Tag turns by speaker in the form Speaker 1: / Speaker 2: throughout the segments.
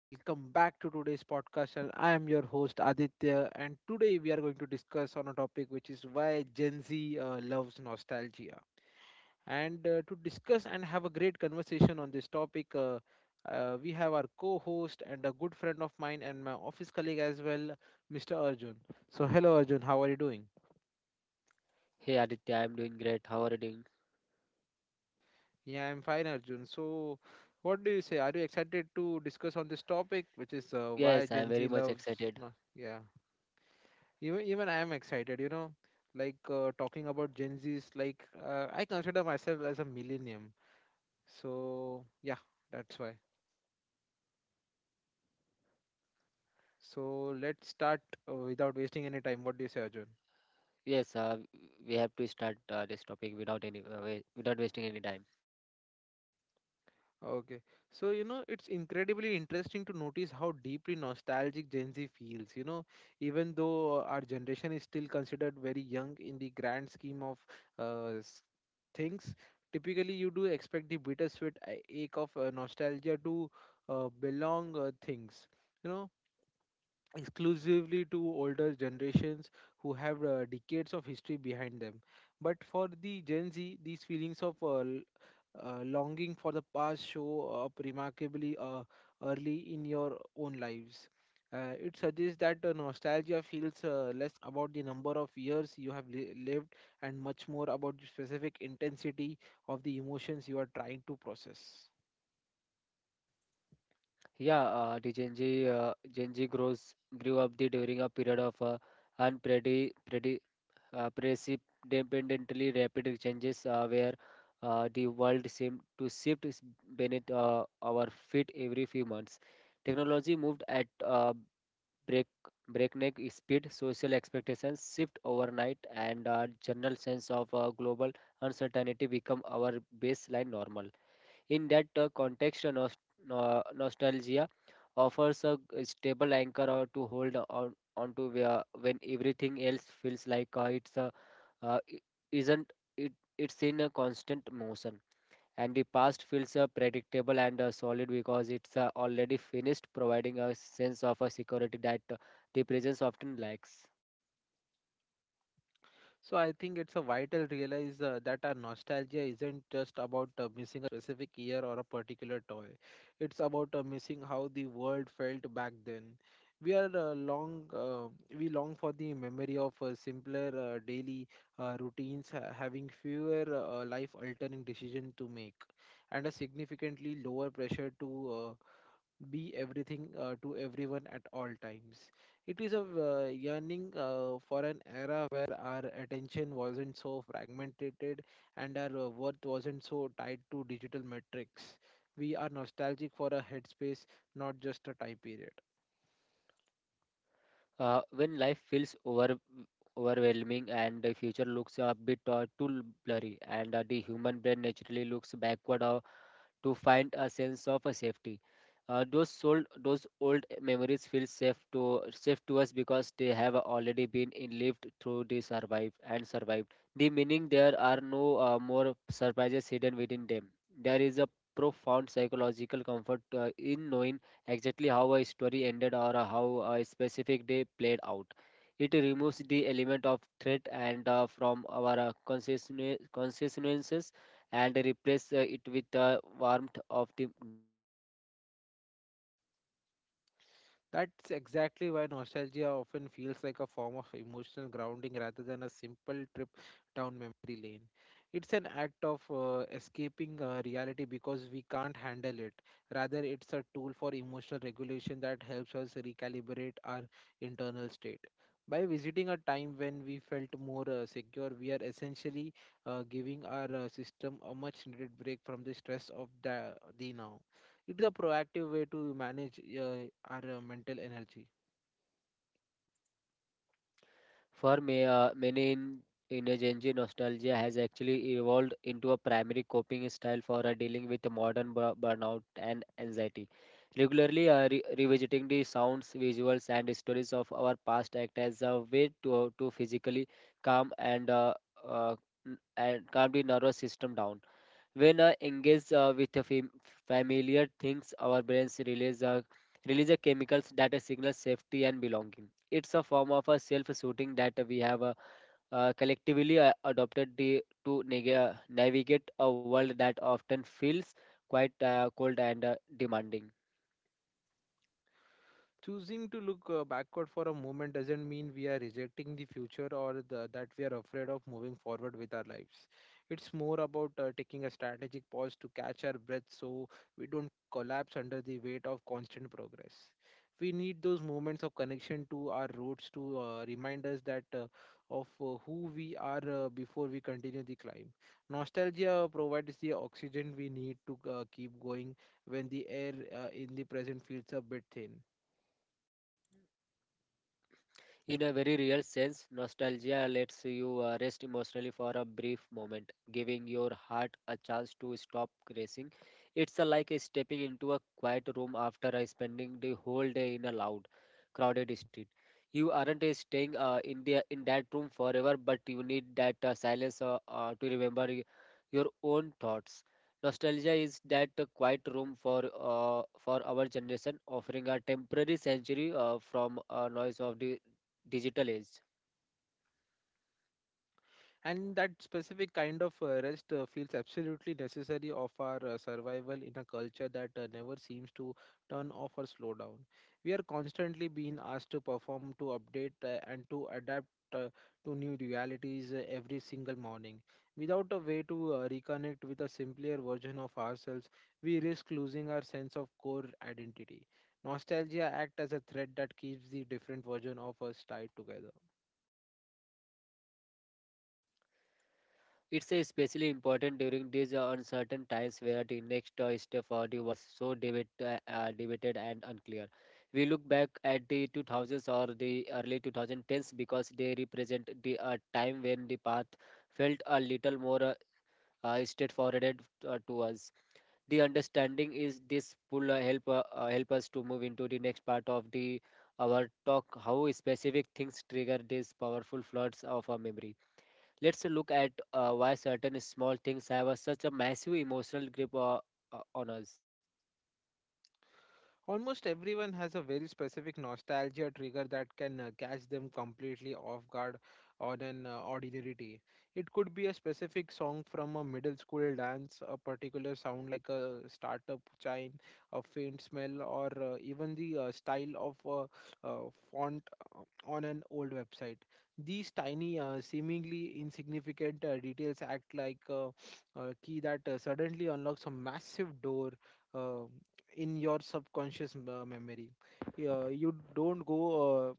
Speaker 1: welcome back to today's podcast. And I am your host Aditya, and today we are going to discuss on a topic which is why Gen Z loves nostalgia. And to discuss and have a great conversation on this topic, we have our co-host and a good friend of mine and my office colleague as well, Mr. Arjun. So, hello Arjun, how are you doing?
Speaker 2: Hey Aditya, I'm doing great. How are you doing?
Speaker 1: Yeah, I'm fine, Arjun. So, what do you say? Are you excited to discuss on this topic, which is why
Speaker 2: Yes, I'm
Speaker 1: Gen
Speaker 2: very
Speaker 1: Z
Speaker 2: much
Speaker 1: loves?
Speaker 2: excited.
Speaker 1: No, yeah. Even I am excited. You know, like talking about Gen Zs. Like I consider myself as a millennium. So yeah, that's why. So let's start without wasting any time. What do you say, Arjun?
Speaker 2: Yes, uh, we have to start this topic without any without wasting any time.
Speaker 1: Okay. So, you know, it's incredibly interesting to notice how deeply nostalgic Gen Z feels. You know, even though our generation is still considered very young in the grand scheme of uh, s- things, typically you do expect the bittersweet ache of nostalgia to belong you know, exclusively to older generations who have decades of history behind them. But for the Gen Z, these feelings of longing for the past show up remarkably early in your own lives. It suggests that nostalgia feels less about the number of years you have lived and much more about the specific intensity of the emotions you are trying to process.
Speaker 2: Yeah, the Gen Z Gen Z grows grew up the during a period of unpredi predi precipitantly rapid changes, where the world seemed to shift is beneath our feet every few months. Technology moved at break, breakneck speed, social expectations shift overnight, and our general sense of global uncertainty become our baseline normal. In that context, nostalgia offers a stable anchor or to hold on onto when everything else feels like it's I- isn't it, it's in a constant motion, and the past feels predictable and solid because it's already finished, providing a sense of a security that the presence often lacks.
Speaker 1: So I think it's a vital realize that our nostalgia isn't just about missing a specific year or a particular toy. It's about missing how the world felt back then. We are long we long for the memory of simpler daily routines, having fewer life altering decisions to make, and a significantly lower pressure to be everything to everyone at all times. It is a yearning for an era where our attention wasn't so fragmented and our worth wasn't so tied to digital metrics. We are nostalgic for a headspace, not just a time period.
Speaker 2: When life feels overwhelming and the future looks a bit too blurry, and the human brain naturally looks backward to find a sense of a safety. Those old memories feel safe to us because they have already been lived through the survive and survived. The meaning, there are no more surprises hidden within them. There is a profound psychological comfort in knowing exactly how a story ended or how a specific day played out. It removes the element of threat and from our consciousness, and replace it with the warmth of the
Speaker 1: That's exactly why nostalgia often feels like a form of emotional grounding rather than a simple trip down memory lane. It's an act of escaping reality because we can't handle it. Rather, it's a tool for emotional regulation that helps us recalibrate our internal state. By visiting a time when we felt more secure, we are essentially giving our system a much needed break from the stress of the now. It is a proactive way to manage our mental energy.
Speaker 2: for may, uh, Many in a Gen Z, nostalgia has actually evolved into a primary coping style for dealing with the modern burnout and anxiety. Regularly revisiting the sounds, visuals, and stories of our past act as a way to physically calm uh, and calm the nervous system down. When I engage with a familiar things, our brains release a chemicals that signals safety and belonging. It's a form of a self-shooting that we have collectively adopted to nega navigate a world that often feels quite cold and demanding.
Speaker 1: Choosing to look backward for a moment doesn't mean we are rejecting the future or that we are afraid of moving forward with our lives. It's more about taking a strategic pause to catch our breath so we don't collapse under the weight of constant progress. We need those moments of connection to our roots to remind us that of who we are before we continue the climb. Nostalgia provides the oxygen we need to keep going when the air in the present feels a bit thin.
Speaker 2: In a very real sense, nostalgia lets you rest emotionally for a brief moment, giving your heart a chance to stop racing. It's like a stepping into a quiet room after spending the whole day in a loud, crowded street. You aren't staying in the in that room forever, but you need that silence to remember your own thoughts. Nostalgia is that quiet room for our generation, offering a temporary sanctuary from noise of the digital age.
Speaker 1: And that specific kind of rest feels absolutely necessary of our survival in a culture that never seems to turn off or slow down. We are constantly being asked to perform, to update and to adapt uh, to new realities every single morning without a way to reconnect with a simpler version of ourselves. We risk losing our sense of core identity. Nostalgia acts as a thread that keeps the different version of us tied together.
Speaker 2: It's especially important during these uncertain times where the next step for the was so debated and unclear. We look back at the 2000s or the early 2010s because they represent the time when the path felt a little more straightforward to us. The understanding is this will help us to move into the next part of the our talk, how specific things trigger these powerful floods of our memory. Let's look at why certain small things have a, such a massive emotional grip on us.
Speaker 1: Almost everyone has a very specific nostalgia trigger that can catch them completely off guard on an ordinary day. It could be a specific song from a middle school dance, a particular sound like a startup chime, a faint smell, or even the style of a font uh, on an old website. These tiny, seemingly insignificant details act like a key that suddenly unlocks a massive door Uh, in your subconscious memory. You don't go uh,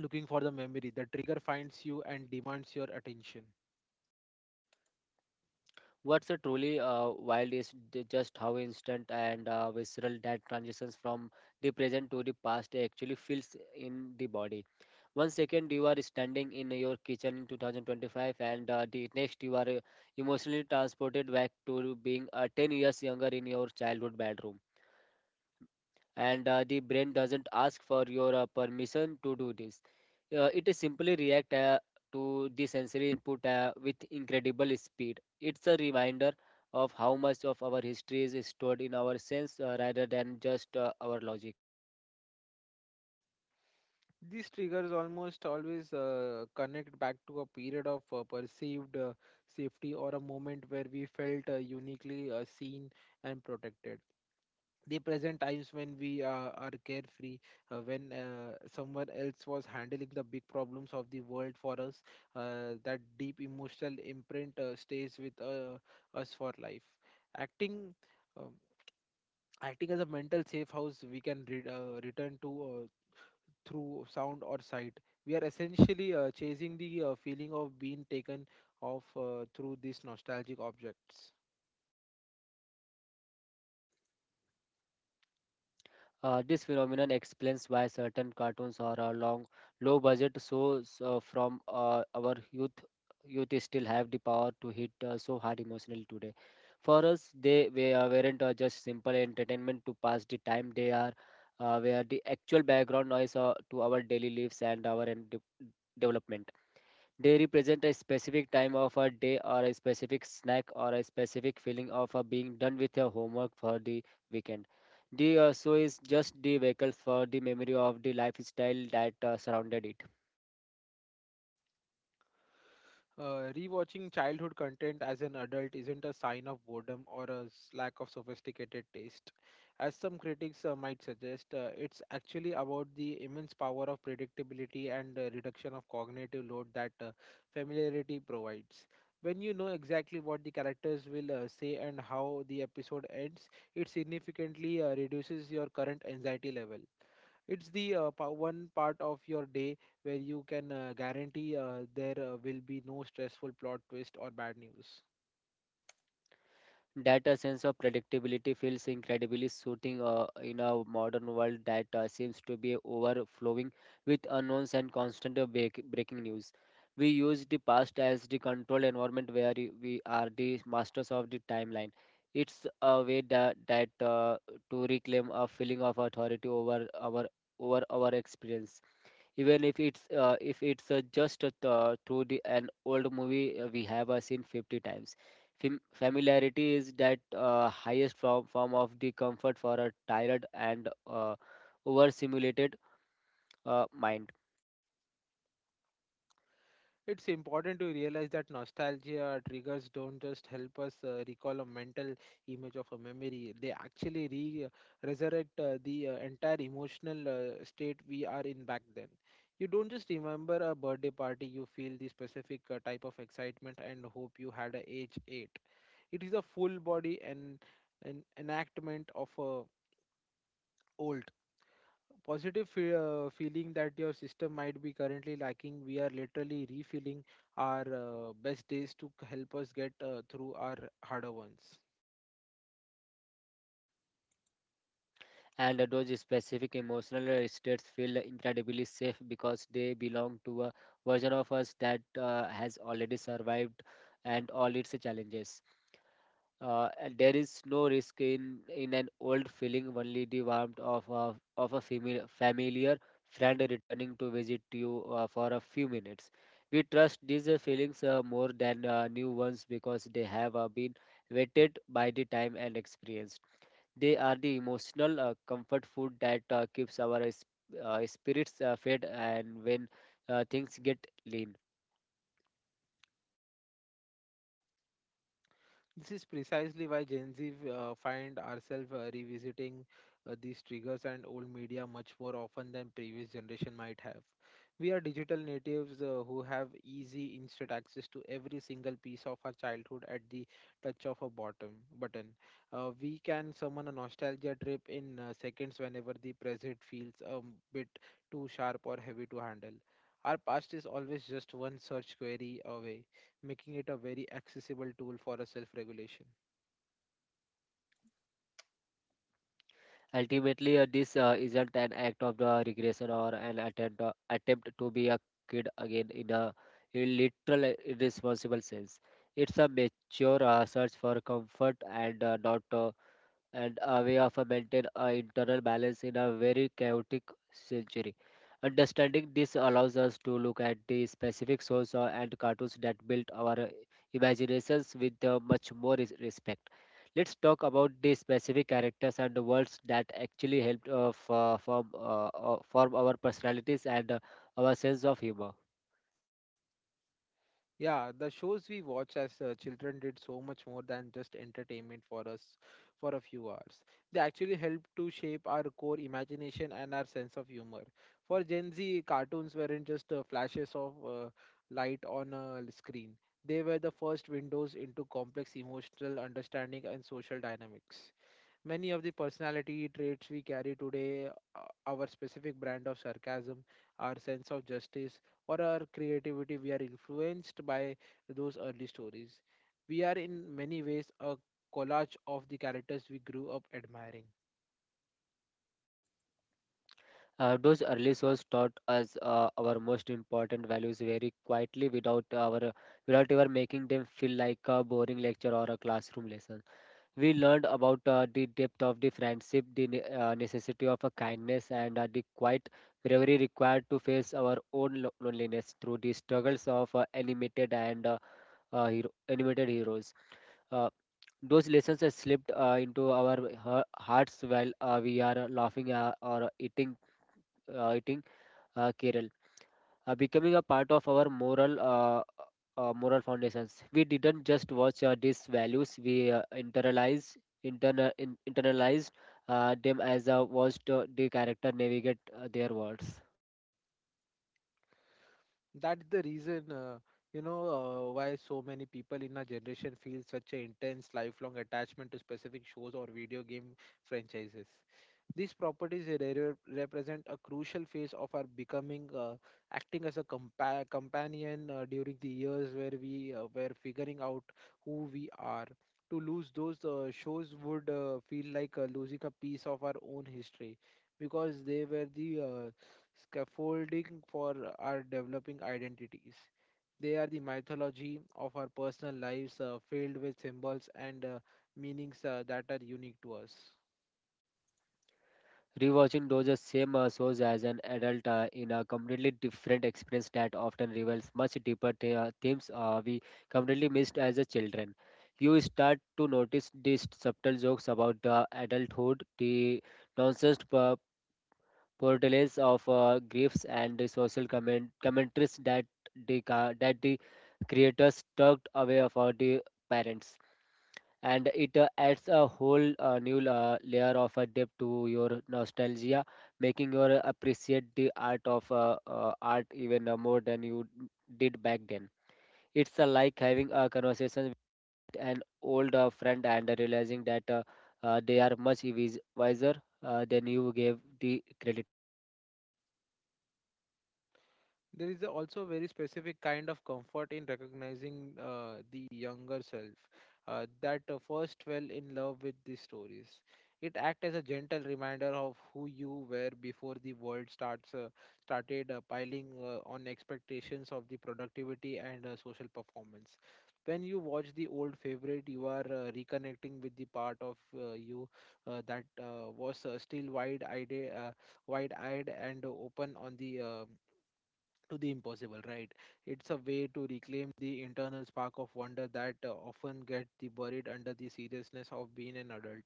Speaker 1: looking for the memory. The trigger finds you and demands your attention.
Speaker 2: What's a truly wild is just how instant and visceral that transitions from the present to the past actually feels in the body. One second you are standing in your kitchen in 2025, and the next you are emotionally transported back to being 10 years younger in your childhood bedroom. And the brain doesn't ask for your permission to do this. It simply reacts to the sensory input with incredible speed. It's a reminder of how much of our history is stored in our sense rather than just our logic.
Speaker 1: These triggers almost always connect back to a period of perceived safety or a moment where we felt uniquely seen and protected. The present times when we are carefree, when someone else was handling the big problems of the world for us, that deep emotional imprint stays with us for life. Acting, um, Acting as a mental safe house, we can return to through sound or sight. We are essentially chasing the feeling of being taken off through these nostalgic objects.
Speaker 2: This phenomenon explains why certain cartoons are a long, low-budget shows from our youth. Youth still have the power to hit so hard emotionally today. For us, weren't just simple entertainment to pass the time. They are were the actual background noise to our daily lives and our development. They represent a specific time of a day or a specific snack or a specific feeling of being done with your homework for the weekend. The so is just the vehicle for the memory of the lifestyle that surrounded it.
Speaker 1: Rewatching childhood content as an adult isn't a sign of boredom or a lack of sophisticated taste. As some critics might suggest, it's actually about the immense power of predictability and reduction of cognitive load that familiarity provides. When you know exactly what the characters will say and how the episode ends, it significantly reduces your current anxiety level. It's the one part of your day where you can guarantee there will be no stressful plot twist or bad news.
Speaker 2: That a sense of predictability feels incredibly soothing in a modern world that seems to be overflowing with unknowns and constant breaking news. We use the past as the controlled environment where we are the masters of the timeline. It's a way that, that to reclaim a feeling of authority over our experience, even if it's just through an old movie we have seen 50 times. Familiarity is that highest form of the comfort for a tired and overstimulated mind.
Speaker 1: It's important to realize that nostalgia triggers don't just help us recall a mental image of a memory, they actually resurrect the entire emotional state we are in back then. You don't just remember a birthday party, you feel the specific type of excitement and hope you had at age 8. It is a full body and an enactment of a old positive feeling that your system might be currently lacking. We are literally refilling our best days to help us get through our harder ones.
Speaker 2: And those specific emotional states feel incredibly safe because they belong to a version of us that has already survived and all its challenges. And there is no risk in an old feeling, only the warmth of a familiar friend returning to visit you for a few minutes. We trust these feelings more than new ones because they have been vetted by the time and experience. They are the emotional comfort food that keeps our spirits fed and when things get lean.
Speaker 1: This is precisely why Gen Z find ourselves revisiting these triggers and old media much more often than previous generation might have. We are digital natives who have easy, instant access to every single piece of our childhood at the touch of a bottom button. We can summon a nostalgia trip in seconds whenever the present feels a bit too sharp or heavy to handle. Our past is always just one search query away, making it a very accessible tool for a self-regulation.
Speaker 2: Ultimately, this isn't an act of the regression or an attempt to be a kid again in literal irresponsible sense. It's a mature search for comfort and not and a way of a maintain a internal balance in a very chaotic century. Understanding this allows us to look at the specific source and cartoons that built our imaginations with much more respect. Let's talk about the specific characters and the worlds that actually helped f- form, form our personalities and our sense of humor.
Speaker 1: Yeah, the shows we watch as children did so much more than just entertainment for us for a few hours. They actually helped to shape our core imagination and our sense of humor. For Gen Z, cartoons weren't just flashes of light on a screen. They were the first windows into complex emotional understanding and social dynamics. Many of the personality traits we carry today, our specific brand of sarcasm, our sense of justice, or our creativity, we are influenced by those early stories. We are in many ways a collage of the characters we grew up admiring.
Speaker 2: Those early souls taught us our most important values very quietly without ever making them feel like a boring lecture or a classroom lesson. We learned about the depth of the friendship, the necessity of a kindness, and the quiet bravery required to face our own loneliness through the struggles of animated heroes. Uh, those lessons are slipped into our hearts while we are laughing or eating Kerala, becoming a part of our moral foundations. We didn't just watch these values; we internalized them as watched the character navigate their words.
Speaker 1: That's the reason, you know, why so many people in our generation feel such an intense, lifelong attachment to specific shows or video game franchises. These properties represent a crucial phase of our becoming, acting as a companion during the years where we were figuring out who we are. To lose those shows would feel like losing a piece of our own history because they were the scaffolding for our developing identities. They are the mythology of our personal lives filled with symbols and meanings that are unique to us.
Speaker 2: Rewatching those same shows as an adult in a completely different experience that often reveals much deeper themes we completely missed as a children. You start to notice these subtle jokes about the adulthood, the nonsense portrayals of griefs, and the social commentaries that that the creators tucked away for the parents, and it adds a whole new layer of a depth to your nostalgia, making you appreciate the art of art even more than you did back then. It's like having a conversation with an old friend and realizing that they are much wiser than you gave the credit.
Speaker 1: There is also a very specific kind of comfort in recognizing the younger self that first fell in love with these stories. It acts as a gentle reminder of who you were before the world starts started piling on expectations of the productivity and social performance. When you watch the old favorite, you are reconnecting with the part of you that was still wide-eyed and open on the to the impossible, right? It's a way to reclaim the internal spark of wonder that often gets the buried under the seriousness of being an adult.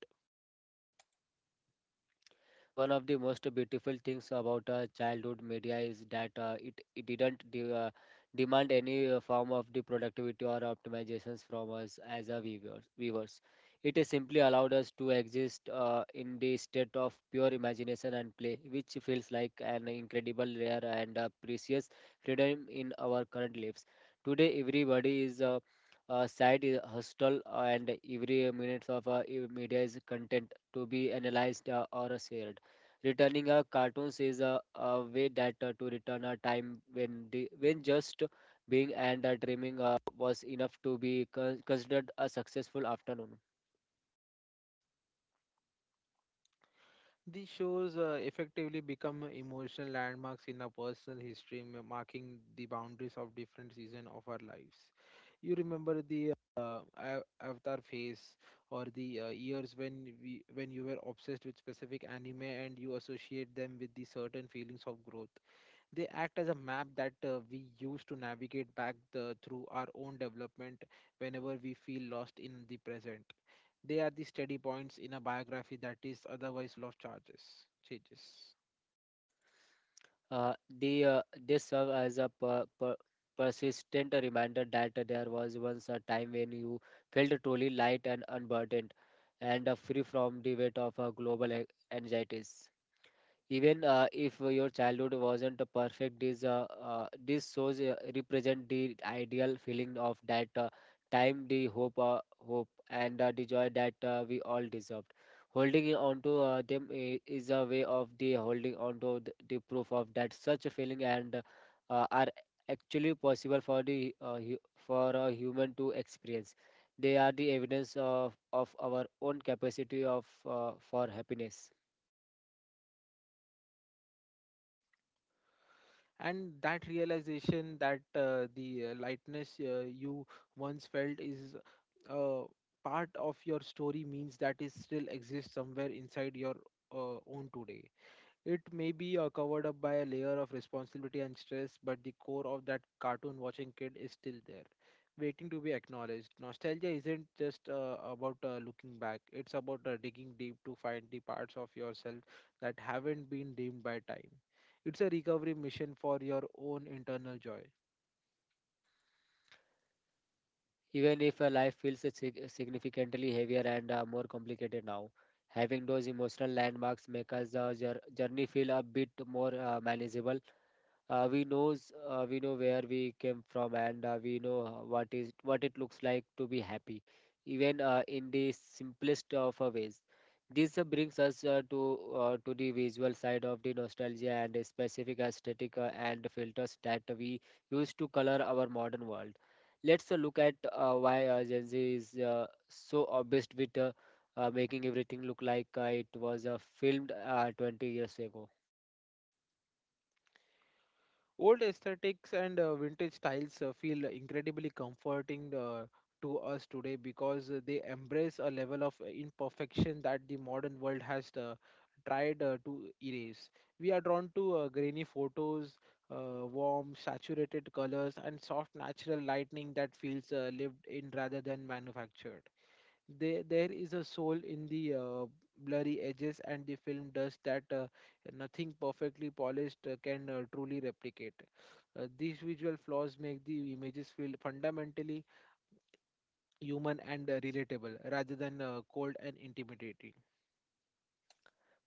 Speaker 2: One of the most beautiful things about childhood media is that it didn't demand any form of the productivity or optimizations from us as a viewers. It is simply allowed us to exist in the state of pure imagination and play, which feels like an incredible rare and precious freedom in our current lives. Today, everybody is site is hostile, and every minute of media is content to be analyzed or shared. Returning a cartoons is a way that to return a time when just being and dreaming was enough to be considered a successful afternoon.
Speaker 1: These shows effectively become emotional landmarks in our personal history, marking the boundaries of different seasons of our lives. You remember the avatar phase or the years when we when you were obsessed with specific anime and you associate them with the certain feelings of growth. They act as a map that we use to navigate back through our own development whenever we feel lost in the present. They are the steady points in a biography that is otherwise changes.
Speaker 2: Uh, they serve as a persistent reminder that there was once a time when you felt truly light and unburdened, and free from the weight of global anxieties. Even if your childhood wasn't perfect, this shows represent the ideal feeling of that time, the hope and the joy that we all deserved. Holding on to them is a way of the holding on to the proof of that such a feeling and are actually possible for the for a human to experience. They are the evidence of our own capacity of for happiness.
Speaker 1: And that realization that the lightness you once felt is uh, part of your story means that it still exists somewhere inside your own today. It may be covered up by a layer of responsibility and stress, but the core of that cartoon watching kid is still there, waiting to be acknowledged. Nostalgia isn't just about looking back, it's about digging deep to find the parts of yourself that haven't been dimmed by time. It's a recovery mission for your own internal joy.
Speaker 2: Even if life feels significantly heavier and more complicated now, having those emotional landmarks make us the journey feel a bit more manageable. We know where we came from, and we know what is what it looks like to be happy, even in the simplest of ways. This brings us to the visual side of the nostalgia and a specific aesthetic and filters that we use to color our modern world. Let's look at why Gen Z is so obsessed with making everything look like it was filmed 20 years ago.
Speaker 1: Old aesthetics and vintage styles feel incredibly comforting to us today because they embrace a level of imperfection that the modern world has tried to erase. We are drawn to grainy photos, warm, saturated colors, and soft natural lighting that feels lived in rather than manufactured. There is a soul in the blurry edges, and the film does that nothing perfectly polished can truly replicate. These visual flaws make the images feel fundamentally human and relatable rather than cold and intimidating.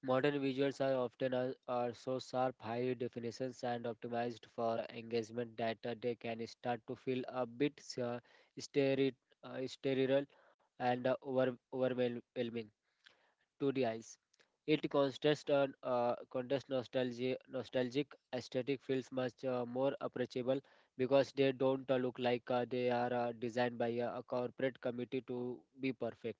Speaker 2: Modern visuals are often are so sharp, high definitions, and optimized for engagement that they can start to feel a bit steri- sterile and overwhelming to the eyes. It contrasts on, contrast nostalgia, nostalgic aesthetic feels much more approachable because they don't look like they are designed by a corporate committee to be perfect.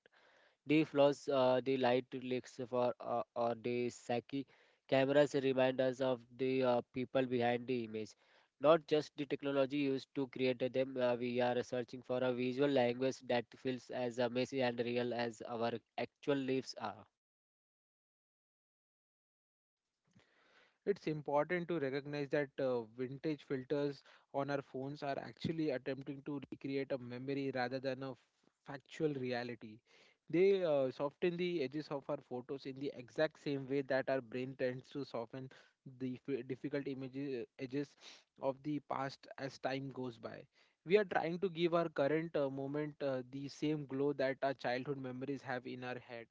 Speaker 2: The flaws, the light leaks for or the psyche cameras remind us of the people behind the image, not just the technology used to create them. We are searching for a visual language that feels as messy and real as our actual lives are.
Speaker 1: It's important to recognize that vintage filters on our phones are actually attempting to recreate a memory rather than factual reality. They soften the edges of our photos in the exact same way that our brain tends to soften the edges of the past as time goes by. We are trying to give our current moment the same glow that our childhood memories have in our head.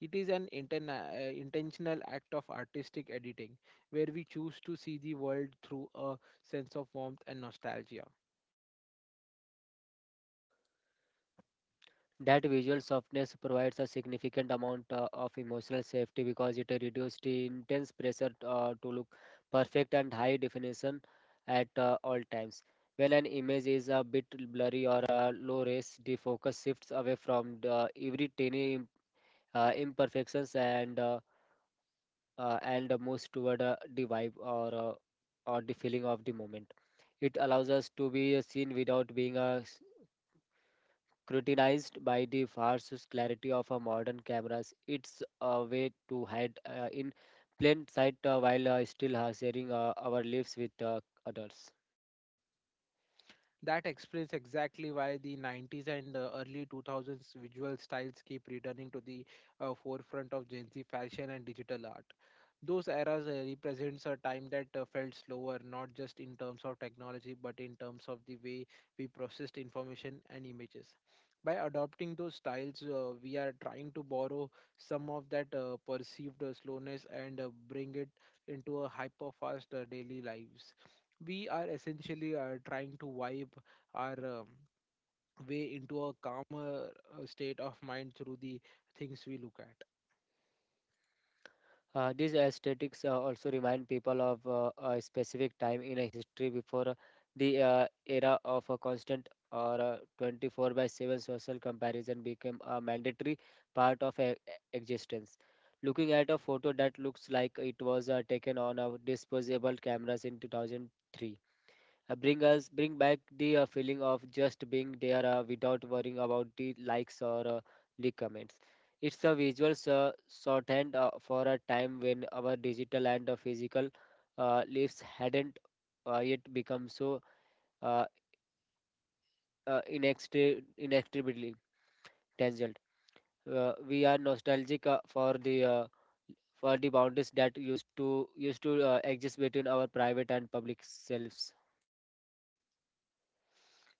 Speaker 1: It is an intentional act of artistic editing where we choose to see the world through a sense of warmth and nostalgia.
Speaker 2: That visual softness provides a significant amount of emotional safety because it reduces the intense pressure to look perfect and high definition at all times. When an image is a bit blurry or low res, the focus shifts away from every tiny imperfections and moves toward the vibe or the feeling of the moment. It allows us to be seen without being scrutinized by the fierce clarity of a modern cameras. It's a way to hide in plain sight while still sharing our lives with others.
Speaker 1: That explains exactly why the 90s and early 2000s visual styles keep returning to the forefront of Gen Z fashion and digital art. Those eras represents a time that felt slower, not just in terms of technology, but in terms of the way we processed information and images. By adopting those styles, we are trying to borrow some of that perceived slowness and bring it into a hyper-fast daily lives. We are essentially trying to vibe our way into a calmer state of mind through the things we look at.
Speaker 2: These aesthetics also remind people of a specific time in a history before the era of a constant or 24 by 7 social comparison became a mandatory part of existence. Looking at a photo that looks like it was taken on a disposable cameras in 2003 bring back the feeling of just being there without worrying about the likes or the comments. It's a visual shorthand for a time when our digital and physical lives hadn't yet become so uh, inextricably tangled. We are nostalgic for the boundaries that used to exist between our private and public selves.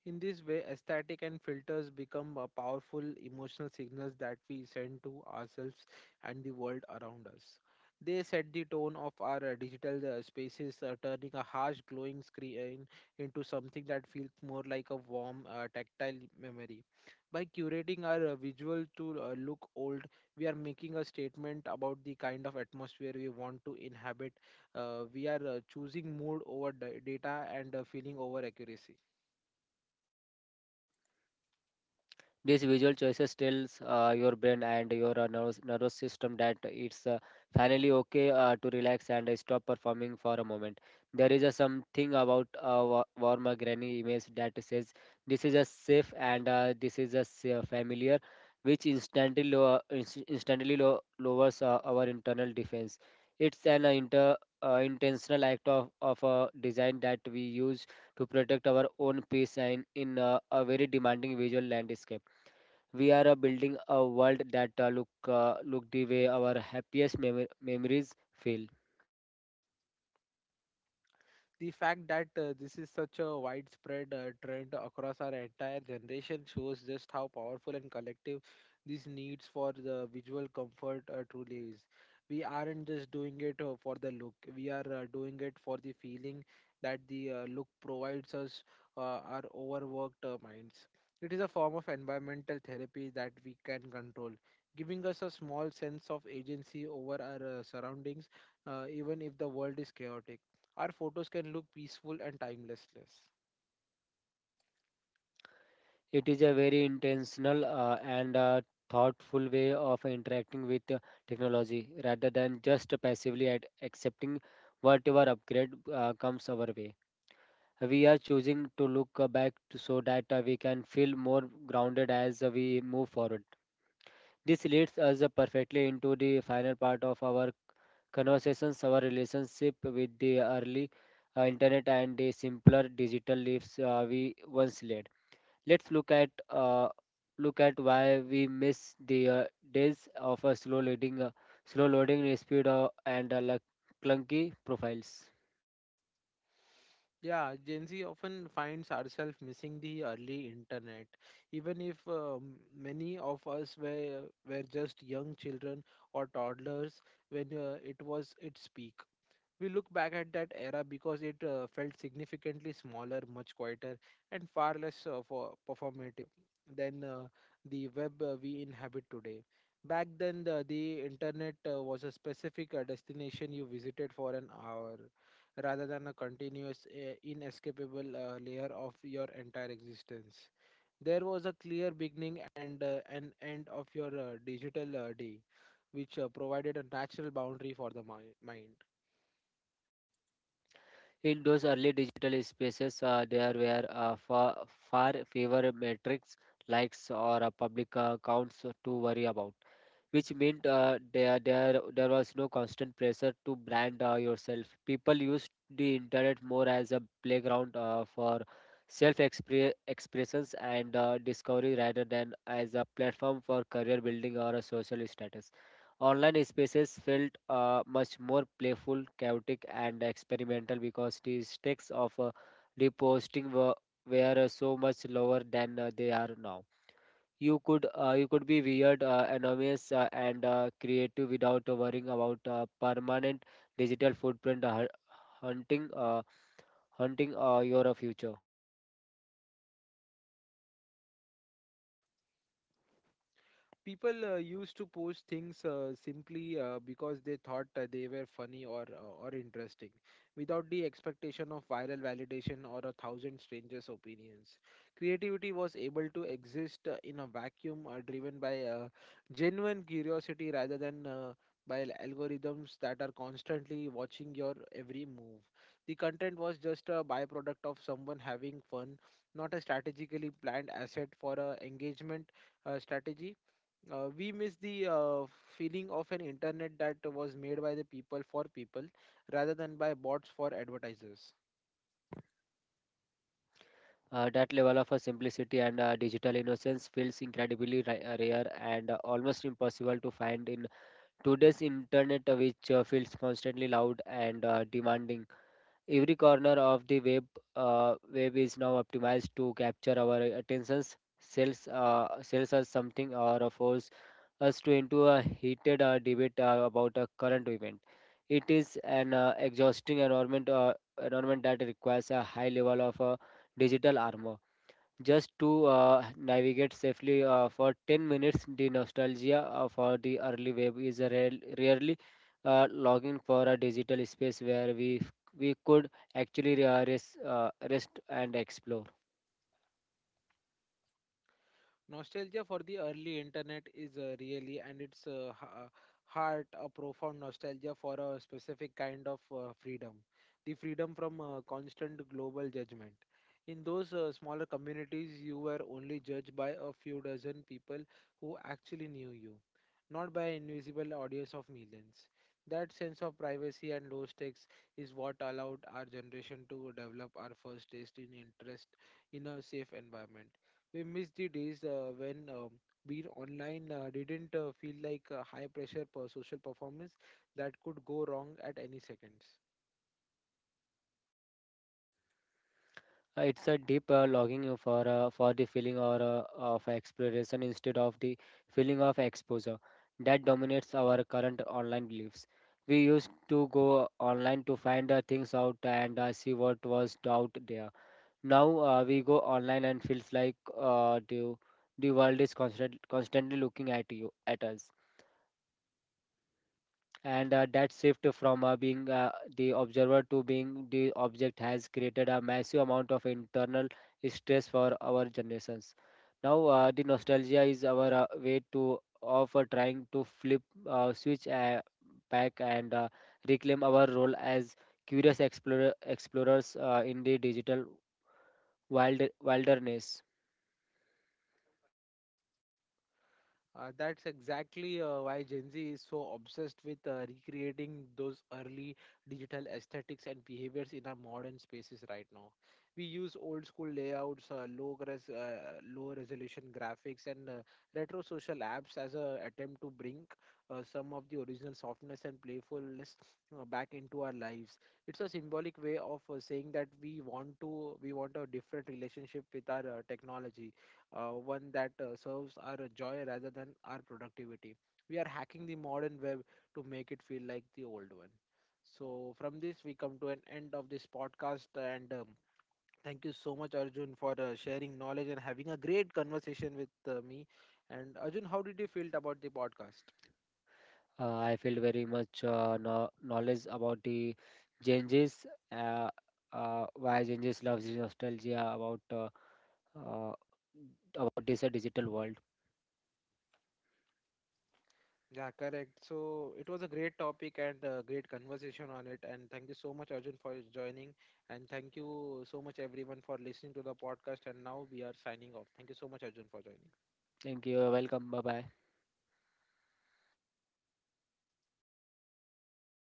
Speaker 1: In this way, aesthetic and filters become a powerful emotional signals that we send to ourselves and the world around us. They set the tone of our digital spaces, turning a harsh glowing screen into something that feels more like a warm, tactile memory. By curating our visual to look old, we are making a statement about the kind of atmosphere we want to inhabit. We are choosing mood over data and feeling over accuracy.
Speaker 2: These visual choices tells your brain and your nervous system that it's finally okay to relax and stop performing for a moment. There is a something about a warm granny image that says this is a safe and this is a familiar, which instantly lowers our internal defense. It's an intentional act of design that we use to protect our own peace and in a very demanding visual landscape. We are building a world that look the way our happiest memories feel.
Speaker 1: The fact that this is such a widespread trend across our entire generation shows just how powerful and collective these needs for the visual comfort truly is. We aren't just doing it for the look, we are doing it for the feeling that the look provides us uh, our overworked minds. It is a form of environmental therapy that we can control, giving us a small sense of agency over our surroundings, even if the world is chaotic, our photos can look peaceful and timelessless.
Speaker 2: It is a very intentional and thoughtful way of interacting with technology rather than just passively at accepting whatever upgrade comes our way. We are choosing to look back to, so that we can feel more grounded as we move forward. This leads us perfectly into the final part of our conversations, our relationship with the early internet and the simpler digital lives we once led. Let's look at why we miss the days of a slow loading speed and clunky profiles.
Speaker 1: Yeah, Gen Z often finds ourselves missing the early internet. Even if many of us were just young children or toddlers when it was its peak, we look back at that era because it felt significantly smaller, much quieter, and far less for performative than the web we inhabit today. Back then, the internet was a specific destination you visited for an hour rather than a continuous, inescapable layer of your entire existence. There was a clear beginning and an end of your digital day, which provided a natural boundary for the mind.
Speaker 2: In those early digital spaces, there were far, far fewer metrics, likes, or public accounts to worry about, which meant there was no constant pressure to brand yourself. People used the internet more as a playground for self-expressions and discovery rather than as a platform for career building or a social status. Online spaces felt much more playful, chaotic, and experimental because the stakes of reposting were so much lower than they are now. You could be weird, anonymous, and creative without worrying about permanent digital footprint hunting your future.
Speaker 1: People used to post things simply because they thought they were funny or or interesting without the expectation of viral validation or a thousand strangers opinions. Creativity was able to exist in a vacuum driven by genuine curiosity rather than by algorithms that are constantly watching your every move. The content was just a byproduct of someone having fun, not a strategically planned asset for a engagement strategy. We miss the feeling of an internet that was made by the people for people rather than by bots for advertisers.
Speaker 2: That level of simplicity and digital innocence feels incredibly rare and almost impossible to find in today's internet, which feels constantly loud and demanding. Every corner of the web is now optimized to capture our attentions, sells us something, or force us to into a heated debate about a current event. It is an exhausting environment that requires a high level of digital armor just to navigate safely for 10 minutes. The nostalgia for the early web is a rarely longing for a digital space where we could actually rest and explore.
Speaker 1: Nostalgia for the early internet is really and it's heart a profound nostalgia for a specific kind of freedom, the freedom from constant global judgment. In those smaller communities, you were only judged by a few dozen people who actually knew you, not by an invisible audience of millions. That sense of privacy and low stakes is what allowed our generation to develop our first taste in interest in a safe environment. We miss the days when being online didn't feel like a high pressure per social performance that could go wrong at any seconds.
Speaker 2: It's a deep longing for the feeling or of exploration instead of the feeling of exposure that dominates our current online beliefs. We used to go online to find things out and see what was out there. Now we go online and feels like the world is constantly looking at you at us. And that shift from being the observer to being the object has created a massive amount of internal stress for our generations. Now the nostalgia is our way to of trying to flip switch back and reclaim our role as explorers in the digital wilderness.
Speaker 1: That's exactly why Gen Z is so obsessed with recreating those early digital aesthetics and behaviors in our modern spaces right now. We use old school layouts, low resolution graphics, and retro social apps as a attempt to bring some of the original softness and playfulness back into our lives. It's a symbolic way of saying that we want a different relationship with our technology, one that serves our joy rather than our productivity. We are hacking the modern web to make it feel like the old one. So, from this, we come to an end of this podcast. And thank you so much, Arjun, for sharing knowledge and having a great conversation with me. And, Arjun, how did you feel about the podcast?
Speaker 2: I feel very much no knowledge about the changes, uh, why changes loves the nostalgia uh, about this digital world.
Speaker 1: Yeah, correct. So it was a great topic and a great conversation on it. And thank you so much, Arjun, for joining. And thank you so much, everyone, for listening to the podcast. And now we are signing off. Thank you so much, Arjun, for joining.
Speaker 2: Thank you. Welcome. Bye bye.